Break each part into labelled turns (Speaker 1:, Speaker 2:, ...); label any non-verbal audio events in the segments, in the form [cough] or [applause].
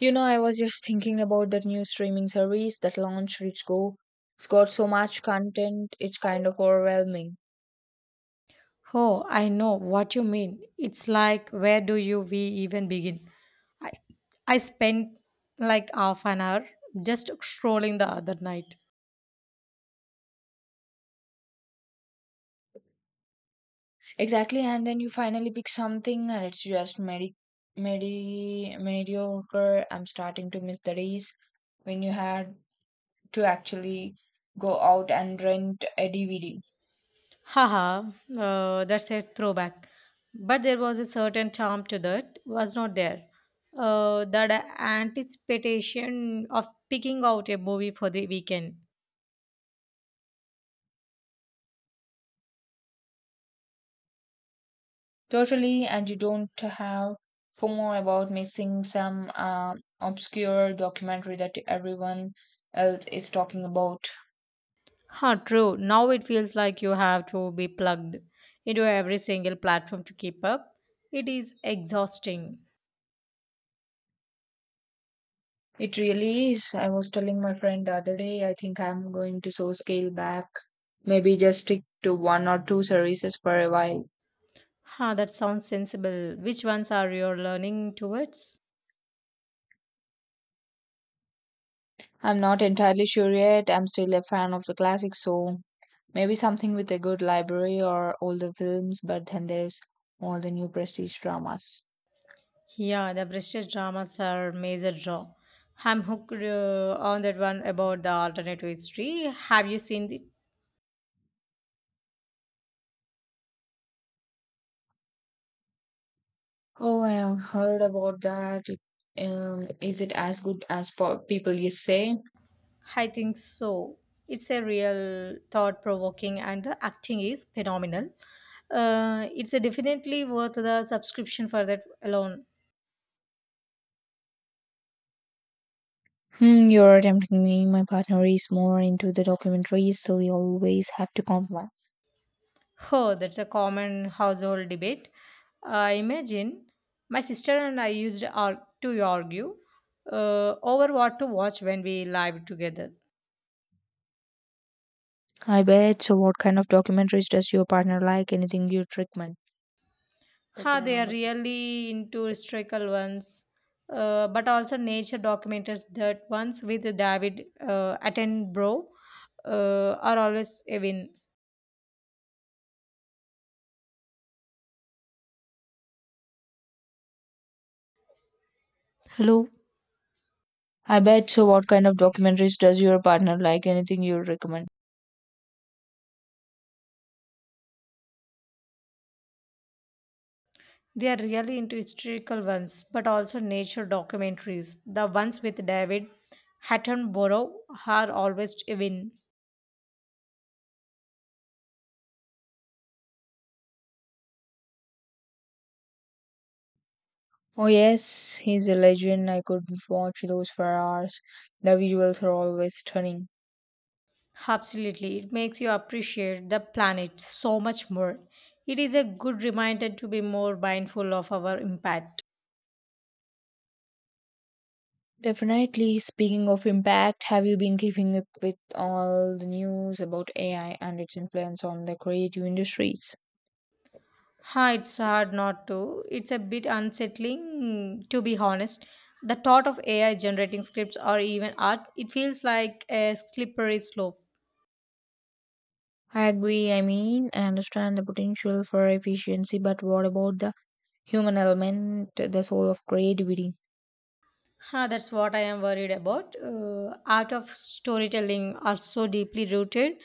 Speaker 1: You know, I was just thinking about that new streaming service that launched which go it's got so much content it's kind of overwhelming.
Speaker 2: Oh, I know what you mean. It's like, where do you we even begin? I, I spent like half an hour just scrolling the other night.
Speaker 1: Exactly, and then you finally pick something and it's just mediocre. I'm starting to miss the days when you had to actually go out and rent a DVD.
Speaker 2: Haha, that's a throwback. But there was a certain charm to that, was not there? That anticipation of picking out a movie for the weekend.
Speaker 1: Totally, and you don't have FOMO about missing some obscure documentary that everyone else is talking about.
Speaker 2: Huh, true. Now it feels like you have to be plugged into every single platform to keep up. It is exhausting.
Speaker 1: It really is. I was telling my friend the other day, I think I'm going to so scale back. Maybe just stick to one or two services for a while.
Speaker 2: Ha, that sounds sensible. Which ones are you learning towards?
Speaker 1: I'm not entirely sure yet. I'm still a fan of the classics, so maybe something with a good library or older films, but then there's all the new prestige dramas.
Speaker 2: Yeah, the British dramas are major draw. I'm hooked on that one about the alternative history. Have you seen it?
Speaker 1: Oh, I have heard about that. Is it as good as people you say?
Speaker 2: I think so. It's a real thought provoking, and the acting is phenomenal. It's a definitely worth the subscription for that alone.
Speaker 1: Hmm, you're tempting me. My partner is more into the documentaries, so we always have to compromise.
Speaker 2: Oh, that's a common household debate. I imagine my sister and I to argue over what to watch when we live together.
Speaker 1: I bet. So, what kind of documentaries does your partner like? Anything you recommend?
Speaker 2: Ha,
Speaker 1: పెట్టిన
Speaker 2: they are
Speaker 1: number చూసుకో
Speaker 2: really into historical ones, but also nature documentaries. That ones with David Attenborough are always a win.
Speaker 1: I bet. So, what kind of documentaries does your partner like? Anything you recommend?
Speaker 2: They are really into historical ones, but also nature documentaries. The ones with David Attenborough are always a win.
Speaker 1: Oh yes, he's a legend. I could watch those for hours. The visuals are always stunning.
Speaker 2: Absolutely, it makes you appreciate the planet so much more. It is a good reminder to be more mindful of our impact.
Speaker 1: Definitely. Speaking of impact, have you been keeping up with all the news about AI and its influence on the creative industries?
Speaker 2: Ha, it's hard not to. It's a bit unsettling, to be honest. The thought of AI generating scripts or even art, it feels like a slippery slope.
Speaker 1: I agree. I mean, I understand the potential for efficiency, but what about the human element, the soul of creativity?
Speaker 2: Huh, that's what I am worried about. Art of storytelling are so deeply rooted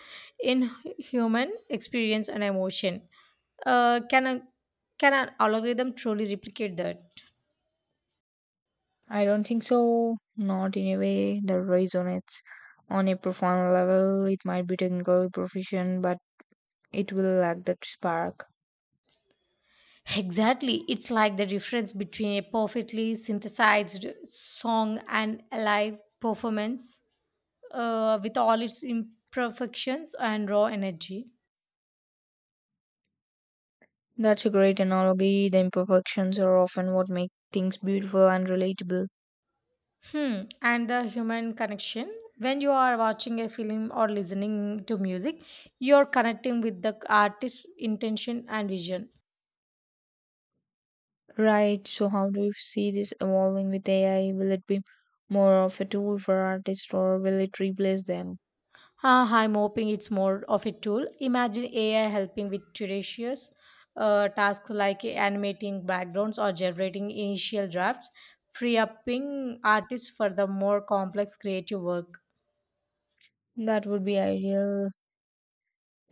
Speaker 2: in human experience and emotion. Uh, can a can an algorithm truly replicate that?
Speaker 1: I don't think so. Not in a way that resonates. On a profound level, it might be technically proficient, but it will lack that spark.
Speaker 2: Exactly, it's like the difference between a perfectly synthesized song and a live performance, with all its imperfections and raw energy.
Speaker 1: That's a great analogy. The imperfections are often what make things beautiful and relatable.
Speaker 2: Hmm. And the human connection. When you are watching a film or listening to music, you're connecting with the artist's intention and vision.
Speaker 1: Right, so how do you see this evolving with AI? Will it be more of a tool for artists, or will it replace them?
Speaker 2: Ah, I'm hoping it's more of a tool. Imagine AI helping with tedious tasks like animating backgrounds or generating initial drafts, free upping artists for the more complex creative work.
Speaker 1: That would be ideal,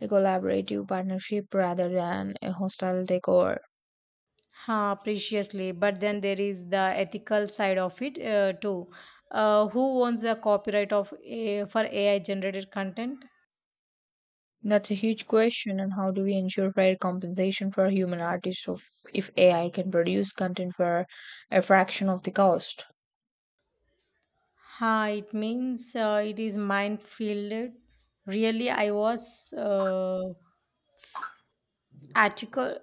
Speaker 1: a collaborative partnership rather than a hostile takeover.
Speaker 2: Huh, preciously. But then there is the ethical side of it too. Who owns the copyright of for AI generated content?
Speaker 1: That's a huge question, and how do we ensure fair compensation for human artists of, if AI can produce content for a fraction of the cost?
Speaker 2: Huh, it means it is minefield. Really, I was article.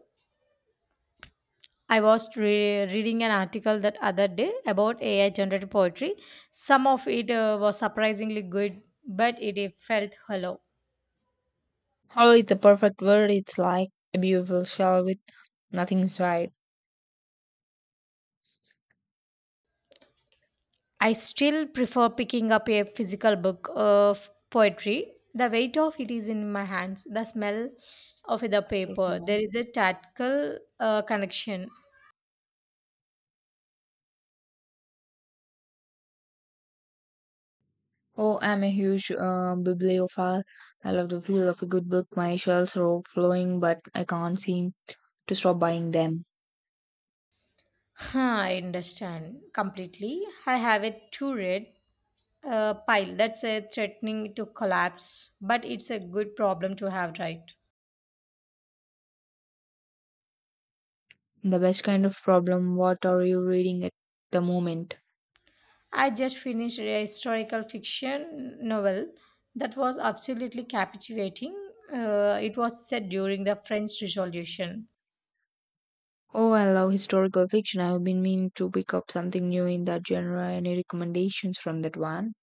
Speaker 2: I was reading an article that other day about AI generated poetry. Some of it was surprisingly good, but it felt hollow.
Speaker 1: Oh, it's a perfect word, it's like a beautiful shell with nothing inside.
Speaker 2: I still prefer picking up a physical book of poetry. The weight of it is in my hands, the smell of the
Speaker 1: Just
Speaker 2: paper.
Speaker 1: now.
Speaker 2: There is a tactile connection.
Speaker 1: Oh, I'm a huge bibliophile. I love the feel of a good book. My shelves are overflowing, but I can't seem to stop buying them.
Speaker 2: Huh, I understand completely. I have a two red pile that's threatening to collapse, but it's a good problem to have, right?
Speaker 1: The best kind of problem. What are you reading at the moment?
Speaker 2: I just finished a historical fiction novel that was absolutely captivating. It was set during the French Revolution.
Speaker 1: Oh, I love historical fiction. I've been meaning to pick up something new in that genre. Any recommendations from that one?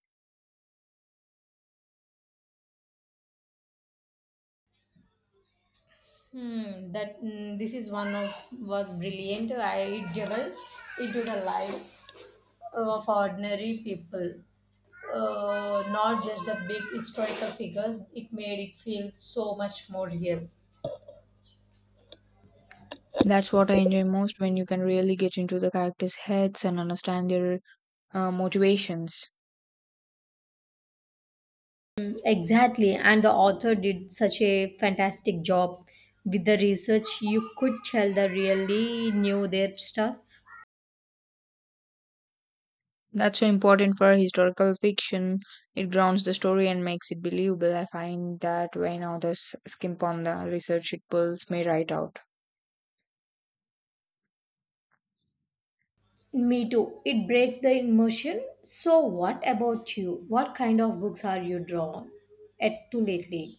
Speaker 2: Hmm, that mm, this is one of was brilliant. I it delve into the lives of ordinary people, not just the big historical figures. It made it feel so much more real.
Speaker 1: That's what I enjoy most when you can really get into the characters' heads and understand their motivations.
Speaker 2: Exactly, and the author did such a fantastic job with the research. You could tell they really knew their stuff.
Speaker 1: That's so important for historical fiction. It grounds the story and makes it believable. I find that when authors skimp on the research, it pulls me right out.
Speaker 2: Me too. It breaks the immersion. So, what about you? What kind of books are you drawn at to lately?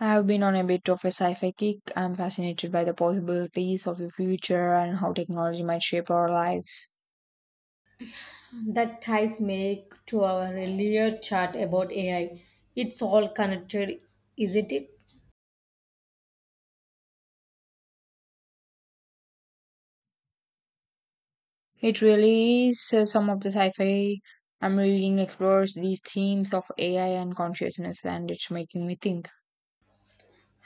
Speaker 1: I have been on a bit of a sci fi kick. I'm fascinated by the possibilities of the future and how technology might shape our lives.
Speaker 2: That ties make to our earlier chat about AI. It's all connected, isn't it?
Speaker 1: It really is some of the sci fi I'm reading explores these themes of AI and consciousness, and it's making me think.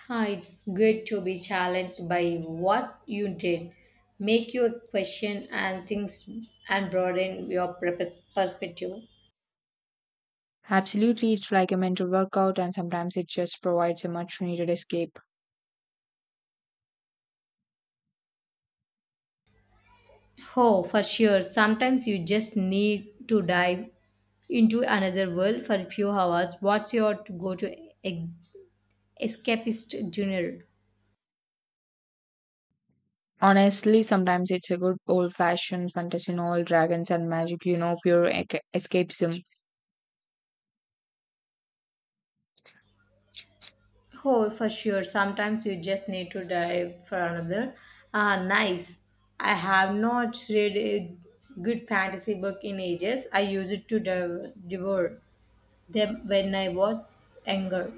Speaker 2: Huh, it's good to be challenged by what you did. Make you question and things and broaden your perspective.
Speaker 1: Absolutely, it's like a mental workout, and sometimes it just provides a much needed escape.
Speaker 2: Oh, for sure. Sometimes you just need to dive into another world for a few hours. What's your to go to ex- escapist dinner?
Speaker 1: Honestly, sometimes it's a good old fashioned fantasy novel, dragons and magic, you know, pure escapism.
Speaker 2: Oh, for sure. Sometimes you just need to dive for another. Ah, nice. I have not read a good fantasy book in ages. I used to devour them when I was younger.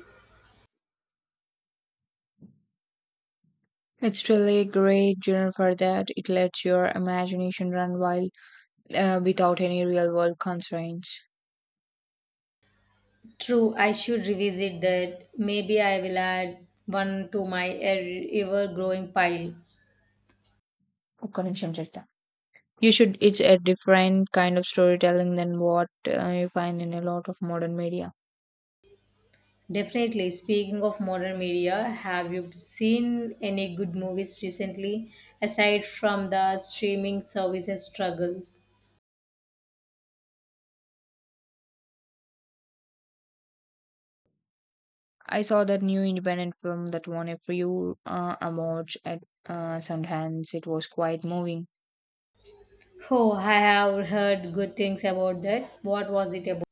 Speaker 1: It's really great Jennifer that it lets your imagination run wild without any real world constraints.
Speaker 2: True, I should revisit that. Maybe I will add one to my ever growing pile.
Speaker 1: ఒక్క నిమిషం చేస్తా You should, it's a different kind of storytelling than what you find in a lot of modern media.
Speaker 2: Definitely. Speaking of modern media, have you seen any good movies recently aside from the streaming services struggle?
Speaker 1: I saw that new independent film that won a few awards at Sundance. It was quite moving.
Speaker 2: Oh, I have heard good things about that. What was it about?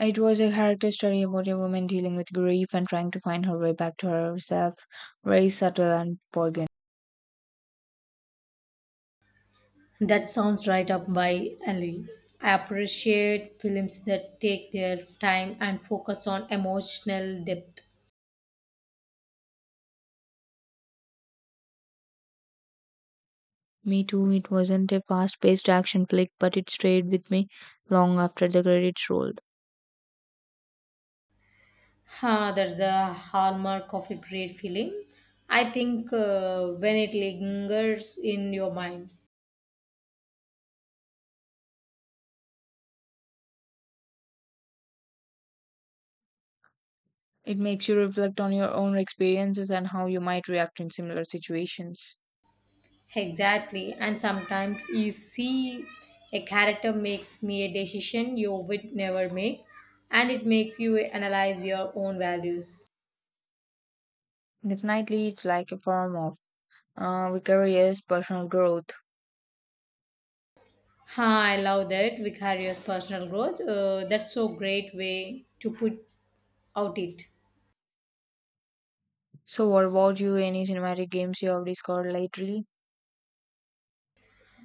Speaker 1: It was a character study about a woman dealing with grief and trying to find her way back to herself, very subtle and poignant.
Speaker 2: That sounds right up my alley. I appreciate films that take their time and focus on emotional depth.
Speaker 1: Me too, it wasn't a fast paced action flick, but it stayed with me long after the credits rolled.
Speaker 2: Huh, that's the hallmark of a great film. I think when it lingers in your mind.
Speaker 1: It makes you reflect on your own experiences and how you might react in similar situations.
Speaker 2: Exactly. And sometimes you see a character makes me a decision you would never make, and it makes you analyze your own values.
Speaker 1: Definitely, it's like a form of vicarious personal growth.
Speaker 2: Ha, I love that vicarious personal growth. That's so great way to put out it.
Speaker 1: So, what about you? Any cinematic games you have discovered lately?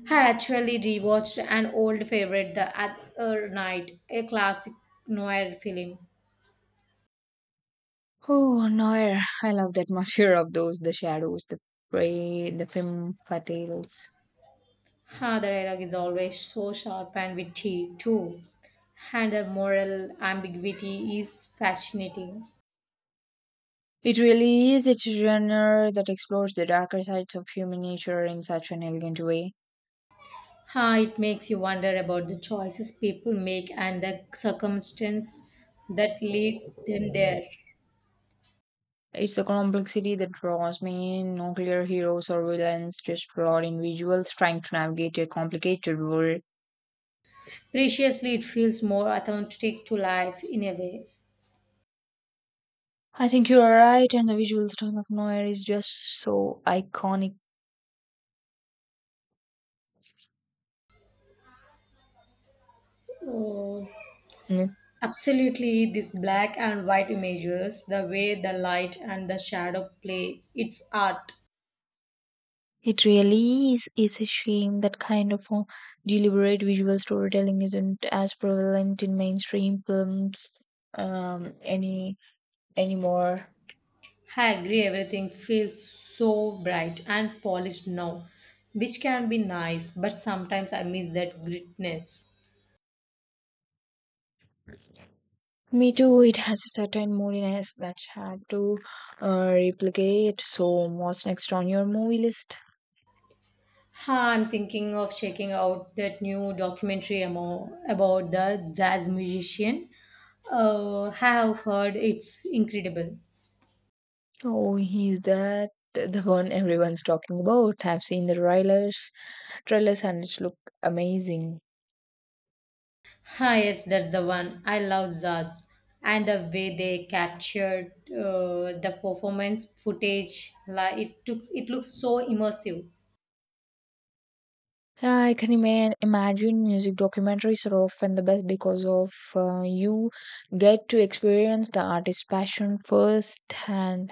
Speaker 2: I actually rewatched an old favorite the other night, a classic noir film.
Speaker 1: Oh, Noir. I love the atmosphere [laughs] of those, the shadows, the prey, the film fatales.
Speaker 2: Ha, the dialogue is always so sharp and witty too. And the moral ambiguity is fascinating.
Speaker 1: It really is. It's a genre that explores the darker sides of human nature in such an elegant way.
Speaker 2: Ha, it makes you wonder about the choices people make and the circumstance that lead them there.
Speaker 1: It's the complexity that draws me in, no clear heroes or villains, just flawed individuals trying to navigate a complicated world.
Speaker 2: Preciously, it feels more authentic to life in a way.
Speaker 1: I think you are right, and the visual style of Noir is just so iconic.
Speaker 2: Oh,
Speaker 1: Mm.
Speaker 2: absolutely, these black and white images, the way the light and the shadow play, it's art.
Speaker 1: It really is. It's a shame that kind of deliberate visual storytelling isn't as prevalent in mainstream films um, any anymore.
Speaker 2: I agree, everything feels so bright and polished now, which can be nice, but sometimes I miss that gritness.
Speaker 1: Me too, it has a certain moodiness that's hard to replicate. So, what's next on your movie list?
Speaker 2: Ha, I'm thinking of checking out that new documentary about the jazz musician. I have heard it's incredible.
Speaker 1: Oh, is that the one everyone's talking about? I've seen the trailers and it look amazing.
Speaker 2: Ah, yes, that's the one. I love jazz and the way they captured the performance footage. Like it looks so immersive.
Speaker 1: Yeah, I can imagine music documentaries are often the best because of you get to experience the artist's passion firsthand.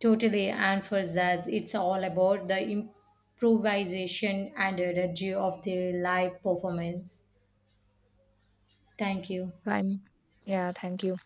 Speaker 2: Totally, and for jazz, it's all about the improvisation and energy of the live performance. Thank you.
Speaker 1: I'm, yeah, thank you.